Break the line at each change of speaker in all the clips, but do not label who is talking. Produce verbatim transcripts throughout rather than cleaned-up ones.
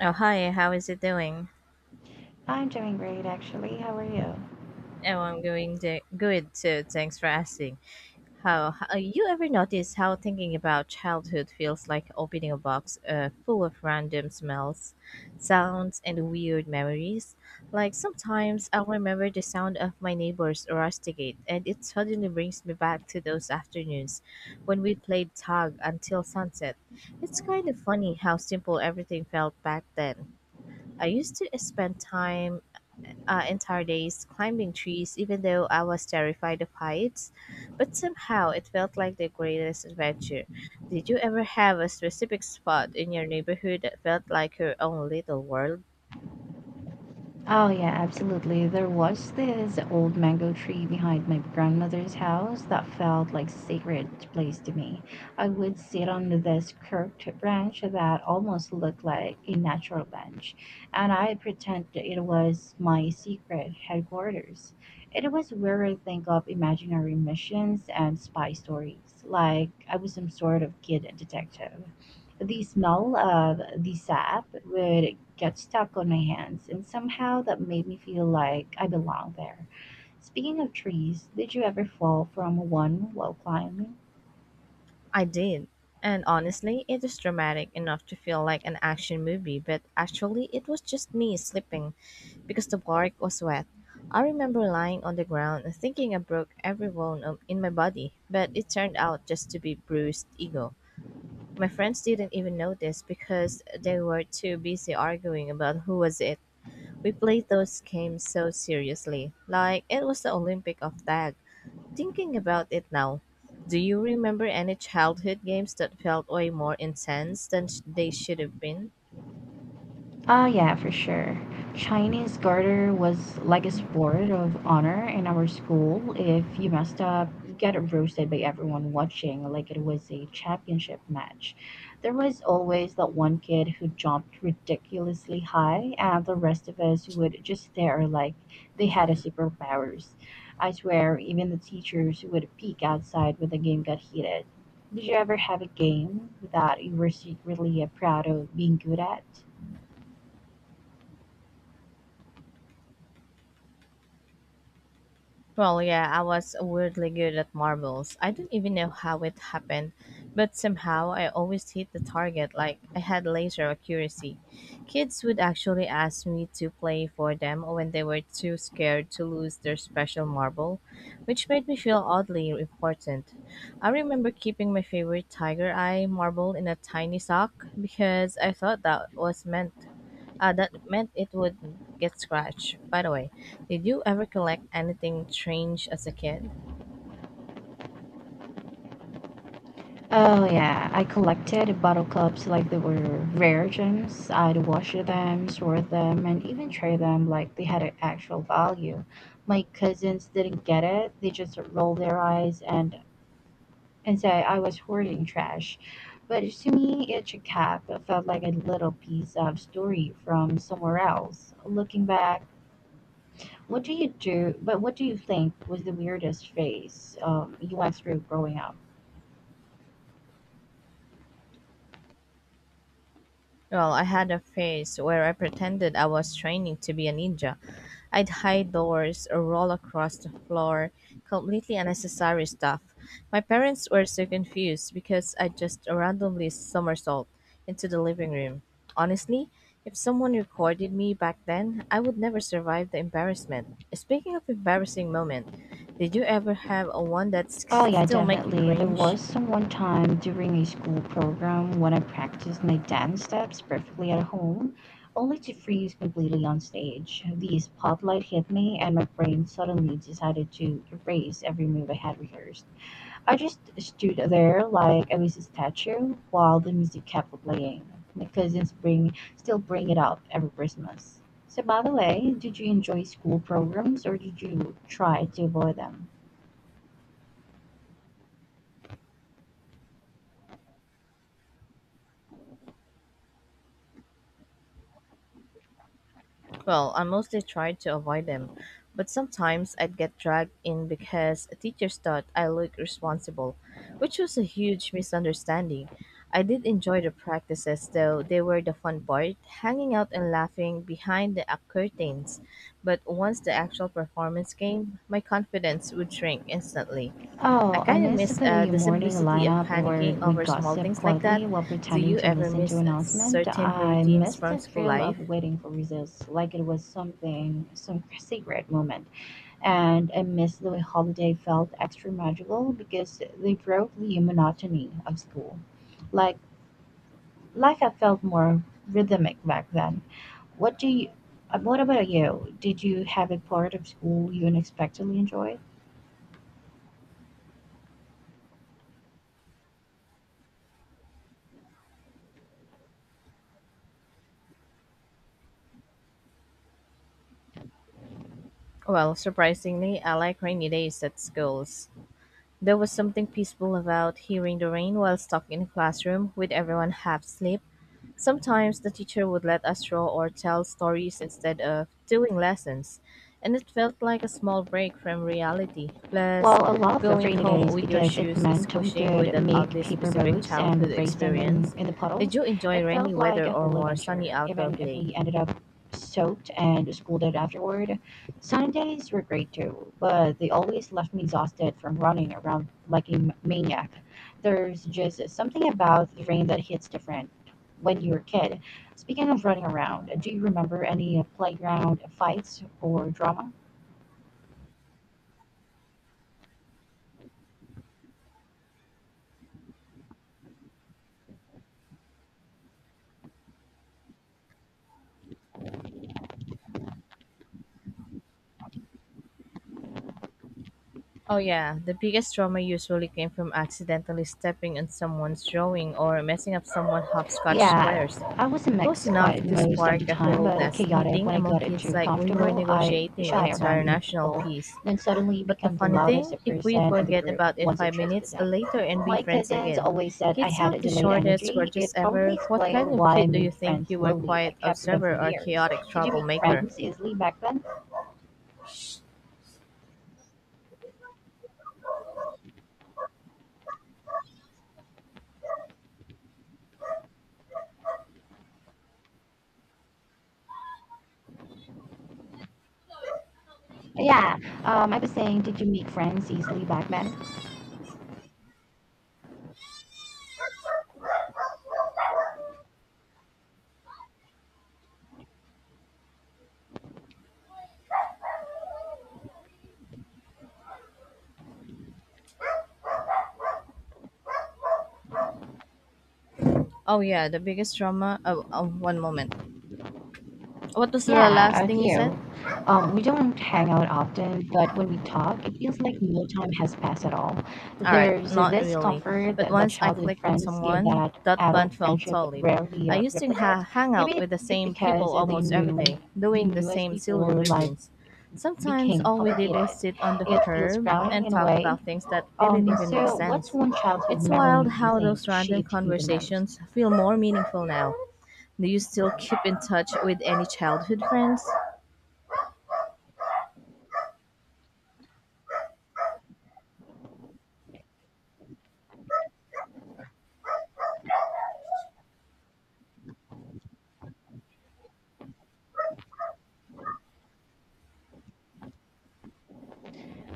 Oh, hi, how is it doing?
I'm doing great, actually. How are you?
Oh, I'm going to, good too. Thanks for asking. How, how uh, You ever notice how thinking about childhood feels like opening a box uh, full of random smells, sounds, and weird memories? Like sometimes I'll remember the sound of my neighbor's rusticate, and it suddenly brings me back to those afternoons when we played tag until sunset. It's kind of funny how simple everything felt back then. I used to spend time uh, Entire days climbing trees, even though I was terrified of heights. But somehow it felt like the greatest adventure. Did you ever have a specific spot in your neighborhood that felt like your own little world?
Oh, yeah, absolutely. There was this old mango tree behind my grandmother's house that felt like sacred place to me. I would sit on this curved branch that almost looked like a natural bench, and I'd pretend that it was my secret headquarters. It was where I think of imaginary missions and spy stories, like I was some sort of kid detective. The smell of the sap would get stuck on my hands, and somehow that made me feel like I belonged there. Speaking of trees, did you ever fall from one while climbing?
I did. And honestly, it was dramatic enough to feel like an action movie, but actually, it was just me slipping because the bark was wet. I remember lying on the ground and thinking I broke every bone um, in my body, but it turned out just to be bruised ego. My friends didn't even notice because they were too busy arguing about who was it. We played those games so seriously, like it was the Olympic of tag. Thinking about it now, do you remember any childhood games that felt way more intense than sh- they should have been?
Ah, yeah, for sure. Chinese garter was like a sport of honor in our school. If you messed up, you get roasted by everyone watching like it was a championship match. There was always that one kid who jumped ridiculously high, and the rest of us would just stare like they had a superpowers. I swear, even the teachers would peek outside when the game got heated. Did you ever have a game that you were secretly uh, proud of being good at?
Well, yeah, I was weirdly good at marbles. I don't even know how it happened, but somehow I always hit the target like I had laser accuracy. Kids would actually ask me to play for them when they were too scared to lose their special marble, which made me feel oddly important. I remember keeping my favorite tiger eye marble in a tiny sock because I thought that was meant uh, that meant it would get scratched. By the way, did you ever collect anything strange as a kid?
Oh yeah, I collected bottle caps like they were rare gems. I'd wash them, store them, and even trade them like they had an actual value. My cousins didn't get it. They just rolled their eyes and and say I was hoarding trash. But to me, each cap felt like a little piece of story from somewhere else. Looking back, what do you do? But what do you think was the weirdest phase um, you went through growing up?
Well, I had a phase where I pretended I was training to be a ninja. I'd hide doors or roll across the floor, completely unnecessary stuff. My parents were so confused because I just randomly somersault into the living room. Honestly, if someone recorded me back then, I would never survive the embarrassment. Speaking of embarrassing moment, did you ever have a one that s-
Oh yeah,
still make you
definitely. There
cringe?
was some one time during a school program when I practiced my dance steps perfectly at home, only to freeze completely on stage. The spotlight hit me and my brain suddenly decided to erase every move I had rehearsed. I just stood there like I was a statue while the music kept playing. My cousins bring still bring it up every Christmas. So by the way, did you enjoy school programs or did you try to avoid them?
Well, I mostly tried to avoid them, but sometimes I'd get dragged in because teachers thought I looked responsible, which was a huge misunderstanding. I did enjoy the practices though, they were the fun part, hanging out and laughing behind the uh, curtains. But once the actual performance came, my confidence would shrink instantly. I
Oh, I
kind of
missed
miss uh,
the
the
morning
simplicity of
lineup where
panicking
we
over small
gossip
things like that.
quietly while
Do
pretending
you
to
ever
listen to
miss uh,
announcement.
certain
I
routines
missed
from
the
school
thrill of
life?
waiting for results, like it was something, some secret moment. And I missed the holiday felt extra magical because they broke the monotony of school. Like, life, I felt more rhythmic back then. What do you? uh, What about you? Did you have a part of school you unexpectedly enjoyed?
Well, surprisingly, I like rainy days at schools. There was something peaceful about hearing the rain while stuck in a classroom with everyone half asleep. Sometimes the teacher would let us draw or tell stories instead of doing lessons, and it felt like a small break from reality. Plus,
Well, I love the
going
rainy
home
days
with your
because it
shoes
meant we
squishing with
could
an
make
oddly
paper
specific
boats
childhood
and race them in,
experience.
in the
Did
puddles.
you enjoy
It
rainy
felt like
weather
a
or
whole
more sunny
adventure,
outdoor
even if
play?
we ended up soaked and scolded afterward. Sunny days were great too, but they always left me exhausted from running around like a m- maniac. There's just something about the rain that hits different when you're a kid. Speaking of running around, do you remember any playground fights or drama?
Oh, yeah. The biggest trauma usually came from accidentally stepping on someone's drawing or messing up someone's hopscotch
Yeah,
squares.
I was a
It was
mix, quiet
enough to
most of the
spark a
time,
whole
but
nest
chaotic when
meeting
I
among
got it
kids
too
like we were
comfortable. I'd be
negotiating
shy around new
international
people,
peace.
then suddenly
But the
become the
funny
loudest
thing, if we
person in the
forget
group
about it
once I
five
trusted
minutes
them.
later and be
My
friends
cousins
again,
always said I
kids
had a
have the
delayed
shortest
energy.
grudges
It probably
ever. What kind
explained
of
why I
kid do you
made
think
friends
you were?
slowly
Quiet
but kept them for
observer or
years.
chaotic
Did you make
troublemaker?
friends easily back then? Yeah, um, I was saying, did you make friends easily back then?
Oh yeah, the biggest drama. Oh, oh, one moment. What was the
Yeah,
last
a
thing you
few.
said?
Um, we don't hang out often, but when we talk, it feels like no time has passed at all.
All right,
There's
not
this
really.
comfort
But
that, that
once I
childhood
clicked with
friends give
someone,
that
that
adult
bond felt
friendship
solid.
rarely
I
uh,
used to ha-
replicate.
hang out
Maybe it,
with the
it
same
because
people
they
almost every
knew
day,
they
doing the
knew us
same
before
silly
life
routines. Sometimes
became
all we did was
complicated.
sit on the
It feels
curb
grounding
and
in a
talk
way.
about things that didn't
Um,
even make
so
sense.
what's one childhood
It's wild
memory you
how
think
those random
shaped you the most?
conversations feel more meaningful now. Do you still keep in touch with any childhood friends?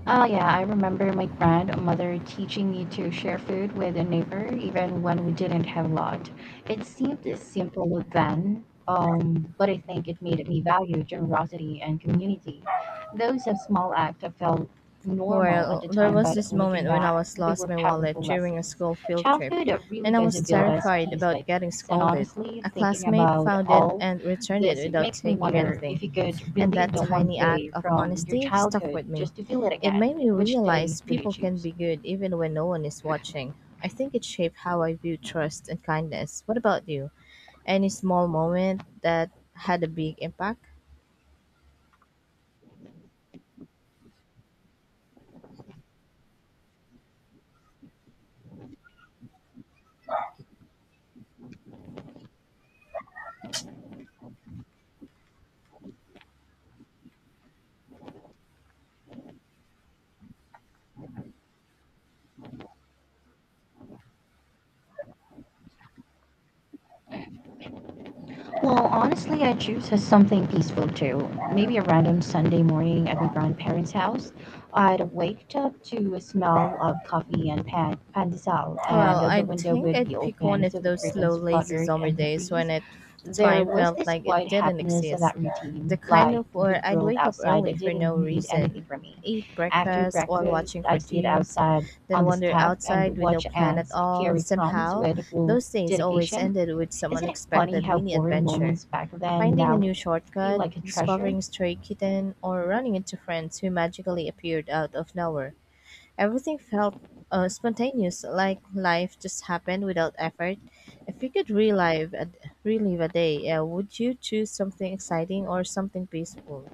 Oh yeah, I remember my grandmother teaching me to share food with a neighbor even when we didn't have a lot. It seemed simple then, um, but I think it made me value generosity and community. Those of small act felt normal at
Well,
the
there
time,
was
but
this
looking
moment when I
back,
was
they
lost
were
my wallet
powerful
during a
lessons.
school field trip,
Childhood really
and I
does
was
build us
terrified
piece by
about getting
piece, and
scolded.
honestly,
A
thinking
classmate
about
found it
all
and returned it
this
without
makes me
taking
wonder if
anything,
you could
and
relive
that
the one
tiny
day
act of
from your
honesty stuck
childhood
with me.
just to feel it
It
again.
made me
Which day
realize
would you
people can
choose?
be good even when no one is watching. I think it shaped how I view trust and kindness. What about you? Any small moment that had a big impact?
Well, honestly, I choose as something peaceful too. Maybe a random Sunday morning at my grandparents' house. I'd wake up to a smell of coffee and pan, pan sal, and
Well,
the
I
window
think
would be
I'd pick one
open, so
of
the
those slow,
curtains
lazy
fluttered
summer
and the
days when
breeze.
it
There
time
was
felt
this
like it
quiet
didn't
happiness in
exist.
that
The
routine,
kind
like
of where
the
I'd
world
wake up
outside
early for
didn't
no
need anything
reason,
from me.
eat
After
breakfast while
breakfast,
watching
I'd sit
cartoons,
outside
then
on the
wander
step and
outside with no
watch
plan at
ants
all.
carry crumbs
Somehow,
with full
those days always
dedication.
ended with some
Isn't it funny
unexpected
how
mini
boring
adventure.
moments back then
Finding a
now
new
feel
shortcut,
like a treasure?
discovering a stray kitten, or running into friends who magically appeared out of nowhere. Everything felt uh, spontaneous, like life just happened without effort. If you could relive a, relive a day, uh, would you choose something exciting or something peaceful?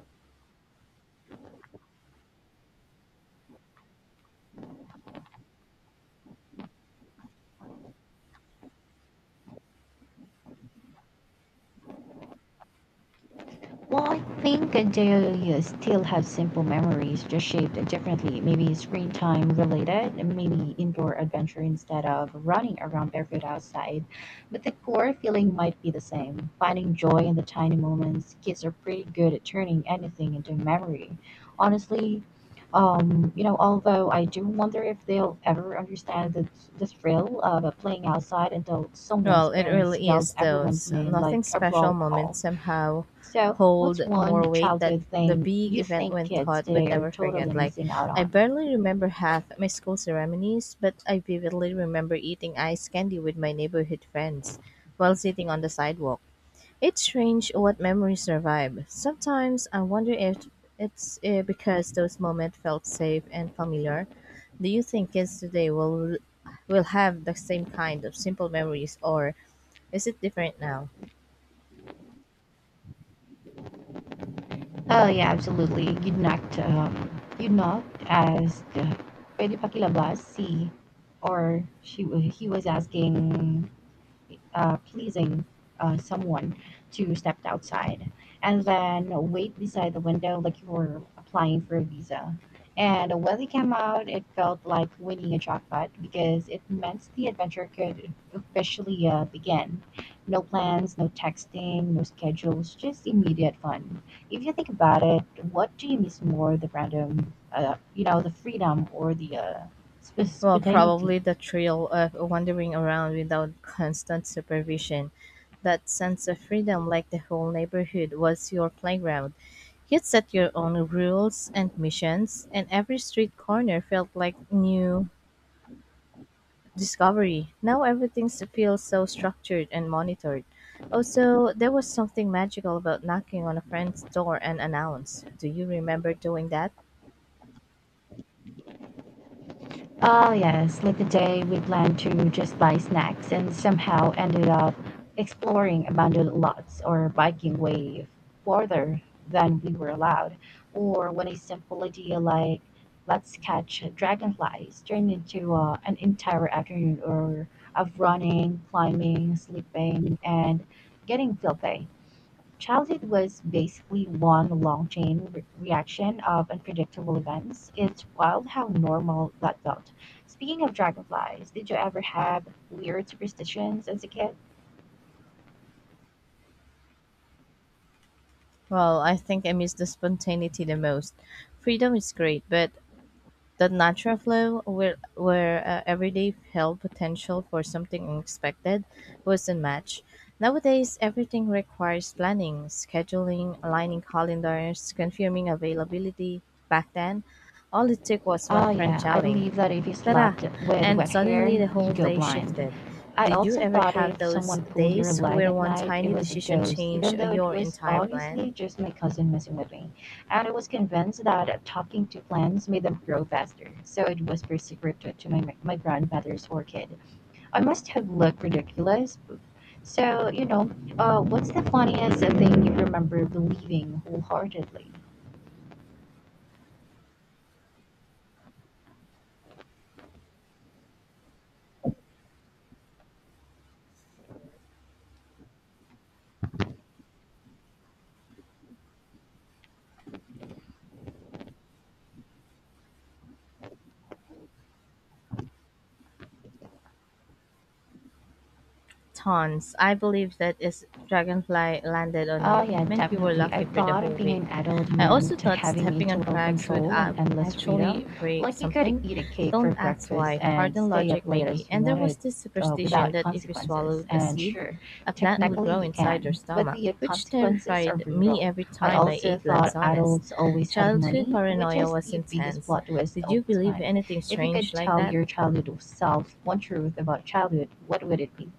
Well, I think they uh, still have simple memories, just shaped differently. Maybe screen time related, maybe indoor adventure instead of running around barefoot outside. But the core feeling might be the same finding joy in the tiny moments. Kids are pretty good at turning anything into memory. Honestly, um, you know, although I do wonder if they'll ever understand the, the thrill of uh, playing outside until someone's
Well, it
parents
really
yelled
is
everyone's
those
name
nothing
like a
special
roll call.
moments somehow
So, what's
hold
one
more weight that
childhood
the
thing
big
you
event
think
when
kids
taught would
today are
never
totally
forget. Like
missing out
I
on?
barely remember half my school ceremonies, but I vividly remember eating ice candy with my neighborhood friends while sitting on the sidewalk. It's strange what memories survive. Sometimes I wonder if it's uh, because those moments felt safe and familiar. Do you think kids today will will have the same kind of simple memories, or is it different now?
Oh yeah, absolutely. You'd not, um, you'd not ask, uh, pwede pakilabas si, or she wa- he was asking uh, pleasing uh, someone to step outside and then wait beside the window like you were applying for a visa. And when they came out, it felt like winning a jackpot because it meant the adventure could officially uh, begin. No plans, no texting, no schedules, just immediate fun. If you think about it, what do you miss more, the random, uh, you know, the freedom or the uh, sp-
Well,
spontaneity?
probably the thrill of wandering around without constant supervision. That sense of freedom, like the whole neighborhood was your playground. You'd set your own rules and missions, and every street corner felt like new discovery. Now everything s- feels so structured and monitored. Also, there was something magical about knocking on a friend's door and announce. Do you remember doing that?
Oh, yes, like the day we planned to just buy snacks and somehow ended up exploring abandoned lots or biking way further than we were allowed. Or when a simple idea like let's catch dragonflies turned into uh, an entire afternoon or of running, climbing, sleeping, and getting filthy. Childhood was basically one long chain re- reaction of unpredictable events. It's wild how normal that felt. Speaking of dragonflies, did you ever have weird superstitions as a kid?
Well, I think I miss the spontaneity the most. Freedom is great, but the natural flow, where, where uh, everyday held potential for something unexpected, wasn't much. Nowadays, everything requires planning, scheduling, aligning calendars, confirming availability. Back then, all it took was one
Oh,
friend
yeah, I
shouting,
believe that if you
ta,
slapped with
and
wet hair,
suddenly the whole
you go
day
blind.
shifted.
I
Did you
also
ever
thought
have
if
those
someone pulled your
days
leg
where
at
one
night, it
tiny
was a
decision
ghost,
changed
even though it
your
was
entire plan?
obviously just my cousin messing with me. And I was convinced that talking to plants made them grow faster, so it was prescriptive to my, my grandmother's orchid. I must have looked ridiculous. So, you know, uh, what's the funniest thing you remember believing wholeheartedly?
Tons. I believe that is dragonfly landed on
Oh,
you.
yeah,
It meant you were
definitely. I
lucky for the
thought of
whole
being
week.
an adult
I also
meant
thought
having a
stepping on
total
cracks would
control and
a-
endless
actually
freedom.
break
Like you could
something.
eat a cake for
Don't ask
breakfast
why.
and
Garden
stay up
logic
late
maybe.
as you
And there
wanted
was this
uh,
superstition
without
that if you
consequences.
swallowed a
And
seed,
sure,
a plant would
technically
grow
you
inside your
can, but
stomach,
the
which
consequences are
terrified me
brutal.
every
I
time I
also
ate
thought
lanzones.
adults always had
Childhood
money, which
paranoia
is
was
the biggest
intense.
plot twist
Did
all
you
the
believe
time.
anything
If you
strange
could
like
tell
that?
your childhood self one truth about childhood, what would it be?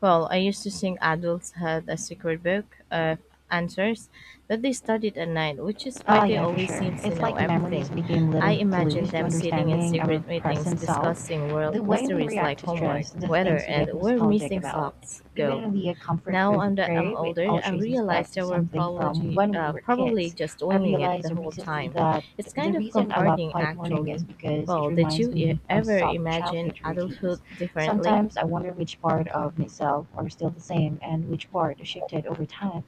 Well, I used to think adults had a secret book of answers that they studied at night, which is why
Oh,
they
yeah, for
always
sure.
seem to
It's
know
like memories
everything.
became
I
little
imagine
clues to
them sitting in
understanding our
secret meetings
present selves,
discussing world
the way we
mysteries
react
like
to
homework,
stress, the
weather,
things we get
and where
nostalgic
missing
about,
socks go.
even the comfort
Now
food we
I'm that I'm
crave, it
older,
all
I
traces back
realize
to
they were
something from
probably
when we
uh,
were
probably
kids.
just
I
winging it the
realized
whole
recently
time.
that
It's
the
kind of
reason I love
comforting,
quiet morning is
actually.
because it
Well, did
reminds
you e-
me of
ever
soft
imagine
childhood
adulthood
routines.
differently?
Sometimes I wonder which part of myself are still the same and which part shifted over time.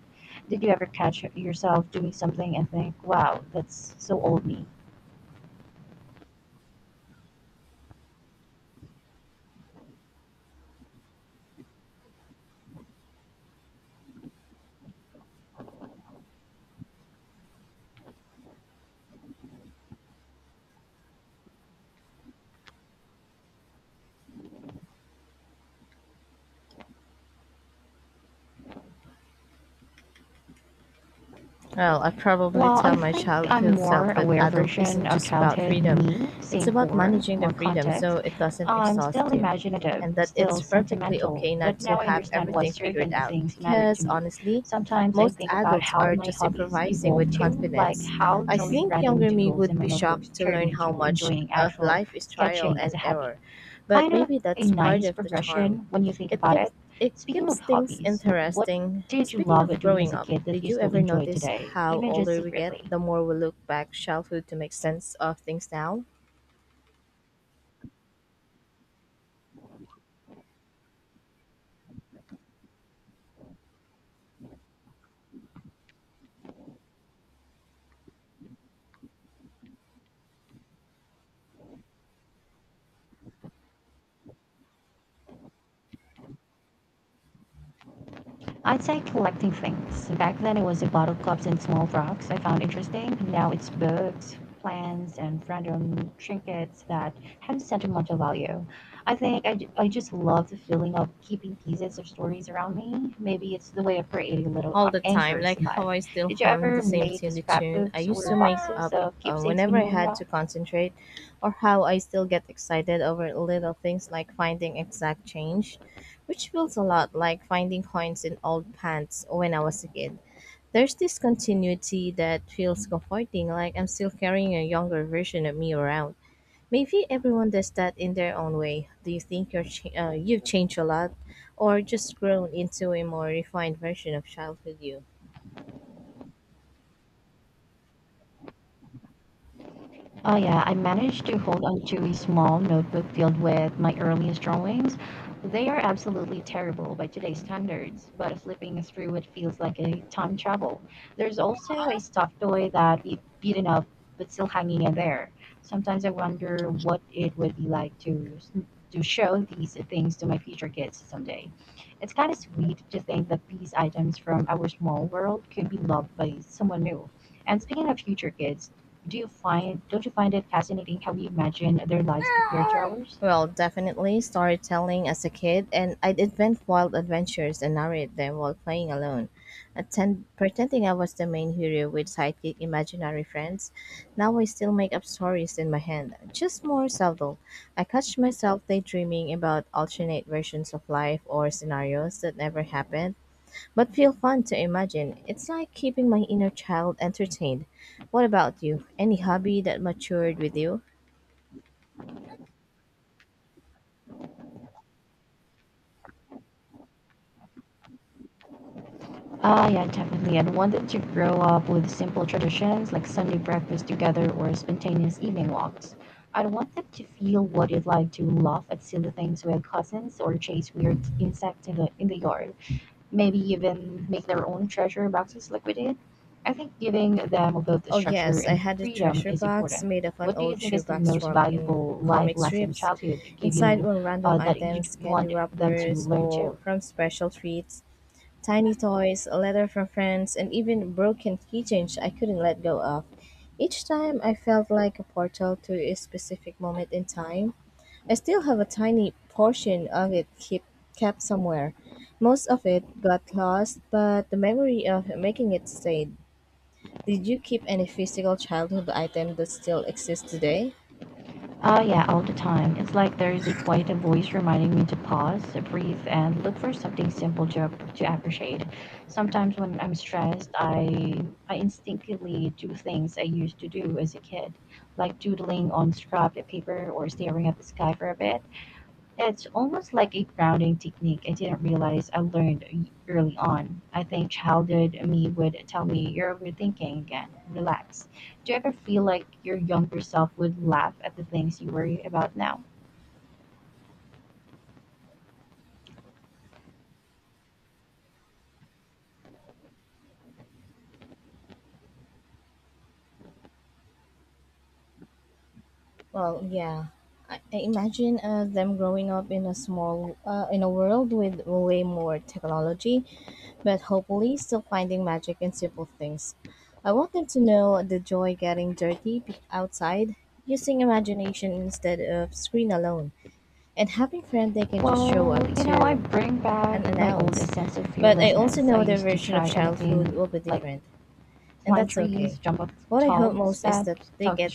Did you ever catch yourself doing something and think, wow, that's so old me?
Well, I probably
Well, I
tell my
think I'm
childhood
more
self that
aware
adult
version
isn't
of
just about
childhood
freedom.
me,
It's
same
about
core,
managing the
more
freedom
context.
so it doesn't
I'm still
exhaust you.
imaginative,
And that
still
it's perfectly
sentimental,
okay not
but
to
now I
have
understand why
everything figured
certain
out.
things matter to
Because
me.
honestly,
Sometimes I
most
think about
adults
how
are
my
just
hobbies
improvising
evolved
with
too, like
confidence.
how
I
drawing
think
random
younger me
doodles in
would
my
be
notebooks
shocked to
turned
learn how
into
much
enjoying
uh,
actual
life is trial
sketching as
and
a hobby.
error. But
Kind of
maybe
a
that's part
nice
of the charm.
progression when you think
It
about it.
gives it
Speaking of
keeps things
hobbies, what
interesting.
did you
Speaking
love
of
doing as
growing
a
up,
kid that
did
you
you
still
ever
enjoy
notice
today,
how
even just
older we get,
secretly?
the more we look back childhood to make sense of things now?
I'd say collecting things. Back then it was the bottle cups and small rocks I found interesting. Now it's books, plants, and random trinkets that have sentimental value. I think I, I just love the feeling of keeping pieces of stories around me. Maybe it's the way of creating little
All
uh,
the time,
anchors
like
in life.
how I still
Did you
hum the
ever
same
make
silly tune I
scrapbooks
used
or
to make
boxes
up
of
uh,
keepsakes when
whenever
you
I
were
had
young?
to concentrate, or how I still get excited over little things like finding exact change, which feels a lot like finding coins in old pants when I was a kid. There's this continuity that feels comforting, like I'm still carrying a younger version of me around. Maybe everyone does that in their own way. Do you think you're ch- uh, you've changed a lot, or just grown into a more refined version of childhood you?
Oh yeah, I managed to hold onto a small notebook filled with my earliest drawings. They are absolutely terrible by today's standards, but flipping through it feels like a time travel. There's also a stuffed toy that we've beaten up but still hanging in there. Sometimes I wonder what it would be like to to show these things to my future kids someday. It's kind of sweet to think that these items from our small world could be loved by someone new. And speaking of future kids, do you find don't you find it fascinating how we imagine their lives compared to ours?
Well, definitely storytelling as a kid, and I'd invent wild adventures and narrate them while playing alone, attend- pretending I was the main hero with sidekick imaginary friends. Now I still make up stories in my head, just more subtle. I catch myself daydreaming about alternate versions of life or scenarios that never happened but feel fun to imagine. It's like keeping my inner child entertained. What about you? Any hobby that matured with you?
Ah, yeah, definitely. And wanted to grow up with simple traditions like Sunday breakfast together or spontaneous evening walks. I'd want them to feel what it's like to laugh at silly things with cousins or chase weird insects in the in the yard. Maybe even make their own treasure boxes like we did. I think giving them both the
Oh,
structure
yes, I
and
had a
freedom
treasure
is
box
important.
made of an
What do you
old
think is the
shoebox
most
wrapped in
valuable life
comic
lesson
strips.
childhood gave
Inside
you
were random
uh, that you'd
items, candy
want them to
wrappers,
learn
or
too?
from special treats, tiny toys, a letter from friends, and even broken keychains I couldn't let go of. Each time I felt like a portal to a specific moment in time. I still have a tiny portion of it keep, kept somewhere. Most of it got lost, but the memory of making it stayed. Did you keep any physical childhood item that still exists today?
Oh, yeah, all the time. It's like there's a quiet voice reminding me to pause, breathe, and look for something simple to, to appreciate. Sometimes when I'm stressed, I, I instinctively do things I used to do as a kid, like doodling on scrap paper or staring at the sky for a bit. It's almost like a grounding technique I didn't realize I learned e- early on. I think childhood me would tell me, "You're overthinking again, relax." Do you ever feel like your younger self would laugh at the things you worry about now?
Well, yeah. I, I imagine uh, them growing up in a small, uh, in a world with way more technology, but hopefully still finding magic in simple things. I want them to know the joy getting dirty be- outside, using imagination instead of screen alone, and having friends they can just
Well,
show up
you know, I
to
bring
and
back my old
announce.
sense of
But I also
fearlessness. I
know their
used to
version of
try
childhood
anything,
will be
like
different, and
climb
that's
trees,
okay.
jump up
What I hope
tall
most is that
steps,
they
talk to
get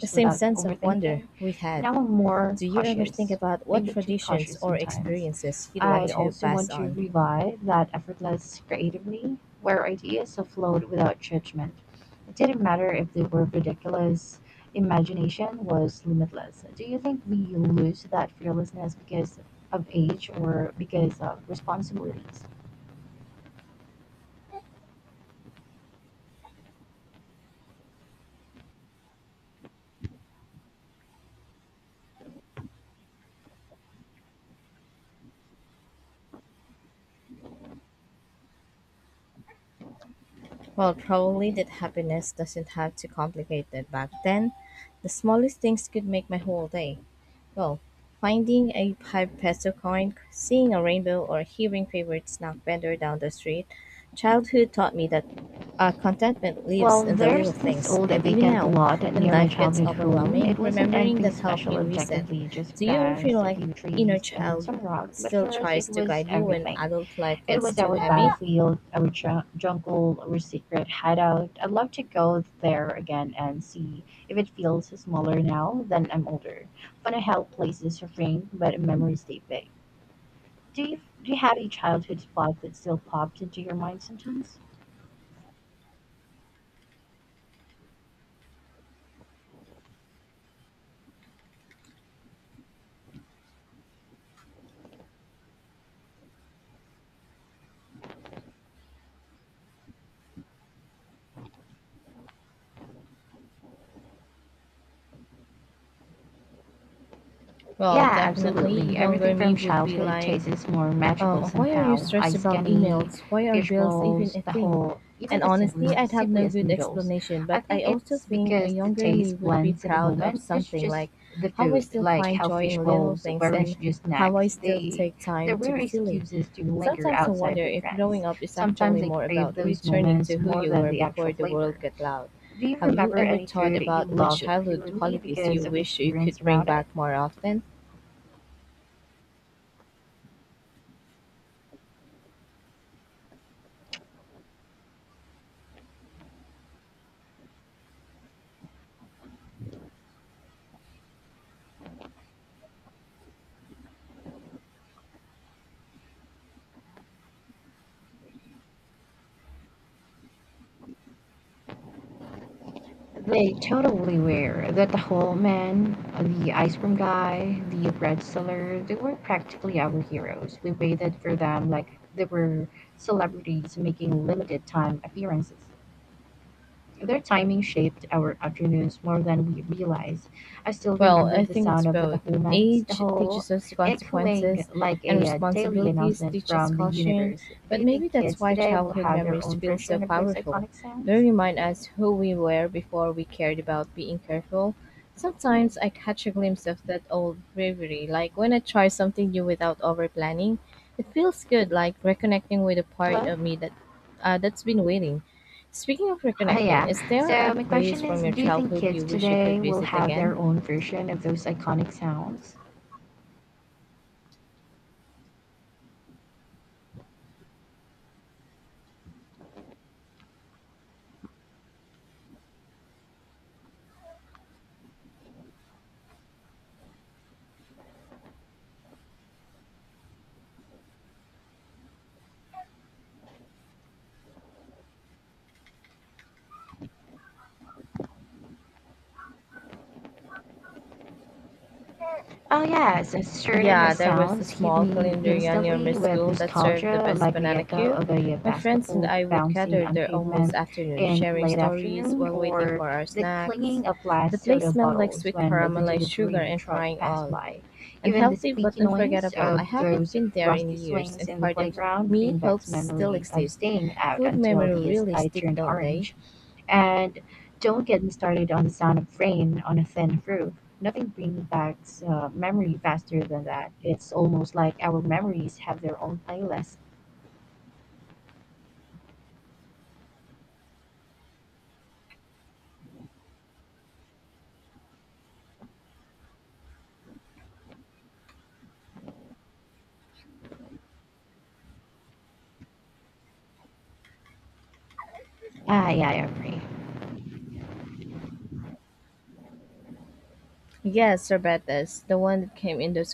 the same
without
sense of wonder
overthinking.
we had.
Now I'm more
Do you ever think
cautious,
about what
maybe too
traditions
cautious
or
sometimes.
experiences you'd want
I'd
to
also
pass
want to
on?
revive that effortless creativity where ideas afloat without judgment. It didn't matter if they were ridiculous, imagination was limitless. Do you think we lose that fearlessness because of age or because of responsibilities?
Well, probably that happiness doesn't have to complicate that back then. The smallest things could make my whole day. Well, finding a five peso coin, seeing a rainbow, or hearing favorite snack vendor down the street, childhood taught me that uh, contentment
Well,
lives in the
there's
little
this
things.
old
And even
vacant
now,
lot
when
near my
life gets
childhood home. It
overwhelming,
wasn't
remembering
anything
that helped
special
me reset.
objectively, just
Do you ever feel
grass, a
like
few
inner
trees, and
child
some rock. But
still
for us,
tries
it
to
was
guide you when
everything.
adult life
It
gets
was
too
our
heavy?
battlefield, our ju- jungle, our secret hideout. I'd love to go there again and see if it feels smaller now than I'm older. Funny how places shrink, but memories stay big. Do you do you have a childhood spot that still pops into your mind sometimes?
Well,
Yeah,
definitely,
absolutely. Everything
younger
from
me would be
childhood
like,
tastes is more
Um,
magical
why are you
somehow.
stressed
Ice
about
candy,
emails? Why are
fish
bills even
balls,
a
the
thing?
whole, even
And
the
honestly,
simple,
I'd have no
simplest
good
noodles.
explanation,
I
but I
think
also
it's
think a
because the
younger me
taste
would be
blends in the
proud of
moment. It's
something
just
like
the
how I
food,
still
like
find
how
joy
fish
in little
balls
things and
weren't just
how I
snacks.
still
They
take
they
time to
were
be silly.
excuses to linger
Sometimes I
outside
wonder
with
if
friends.
growing up is
Sometimes
actually
I
more
crave
about
those
returning
moments
to who
more
you
than
were
the actual
before the world
flavor.
got loud.
Do you
Have you
remember
ever
any
thought
food you
about which
loved
childhood
purely
qualities you
because of the
wish you
experience
could bring
around it?
back more often?
They totally were. The taho man, the ice cream guy, the bread seller, they were practically our heroes. We waited for them like they were celebrities making limited time appearances. Their timing shaped our afternoons more than we realized. I still
Well,
remember
I
the
think it's
sound of the
both.
taho man's
Age
taho
teaches us the
echoing
consequences,
like
and
a uh, daily
responsibilities
announcement
teach us
from the
caution.
universe. Do
But
you
maybe
think
that's
kids
why
today will
childhood
have their
memories
own
feel so
version of those
powerful.
iconic
They
sounds?
remind us who we were before we cared about being careful. Sometimes I catch a glimpse of that old bravery, like when I try something new without over planning. It feels good, like reconnecting with a part
Hello?
of me that uh, that's been waiting. Speaking of
Oh,
reconnecting,
yeah.
is there
So,
a
my
place
question is,
from your
do you think
childhood
kids
you wish you could
today will
visit
have
again?
their own version of those iconic sounds? Oh yes, a certain
Yeah, there was a
sounds hit
small
me
calendaria near my
instantly with
school that served the
nostalgia,
best
like the
banana
echo
queue.
of a
My friends and
basketball
I would
bouncing
gather
on
there almost
pavement
afternoon,
in
sharing
late
stories
afternoon,
while waiting
or
for our
the
snacks.
clinking of glass
The place
soda
smelled like
bottles
sweet
when the
caramelized sugar
delivery
and
truck
frying
passed
oil.
by. Even the
Unhealthy but
squeaky noise
unforgettable. I
of
haven't
those
been there in
rusty
years,
swings
and
in the
part of
playground
me
brings back
hopes still
memory of
exists.
staying out
Food
until
memory
the
really
sky
stick,
turned
don't they?
orange. And don't get me started on the sound of rain on a thin roof. Nothing brings back uh, memory faster than that. It's almost like our memories have their own playlist. Ah, yeah, I agree.
Yes, Sorbetes, the one that came in those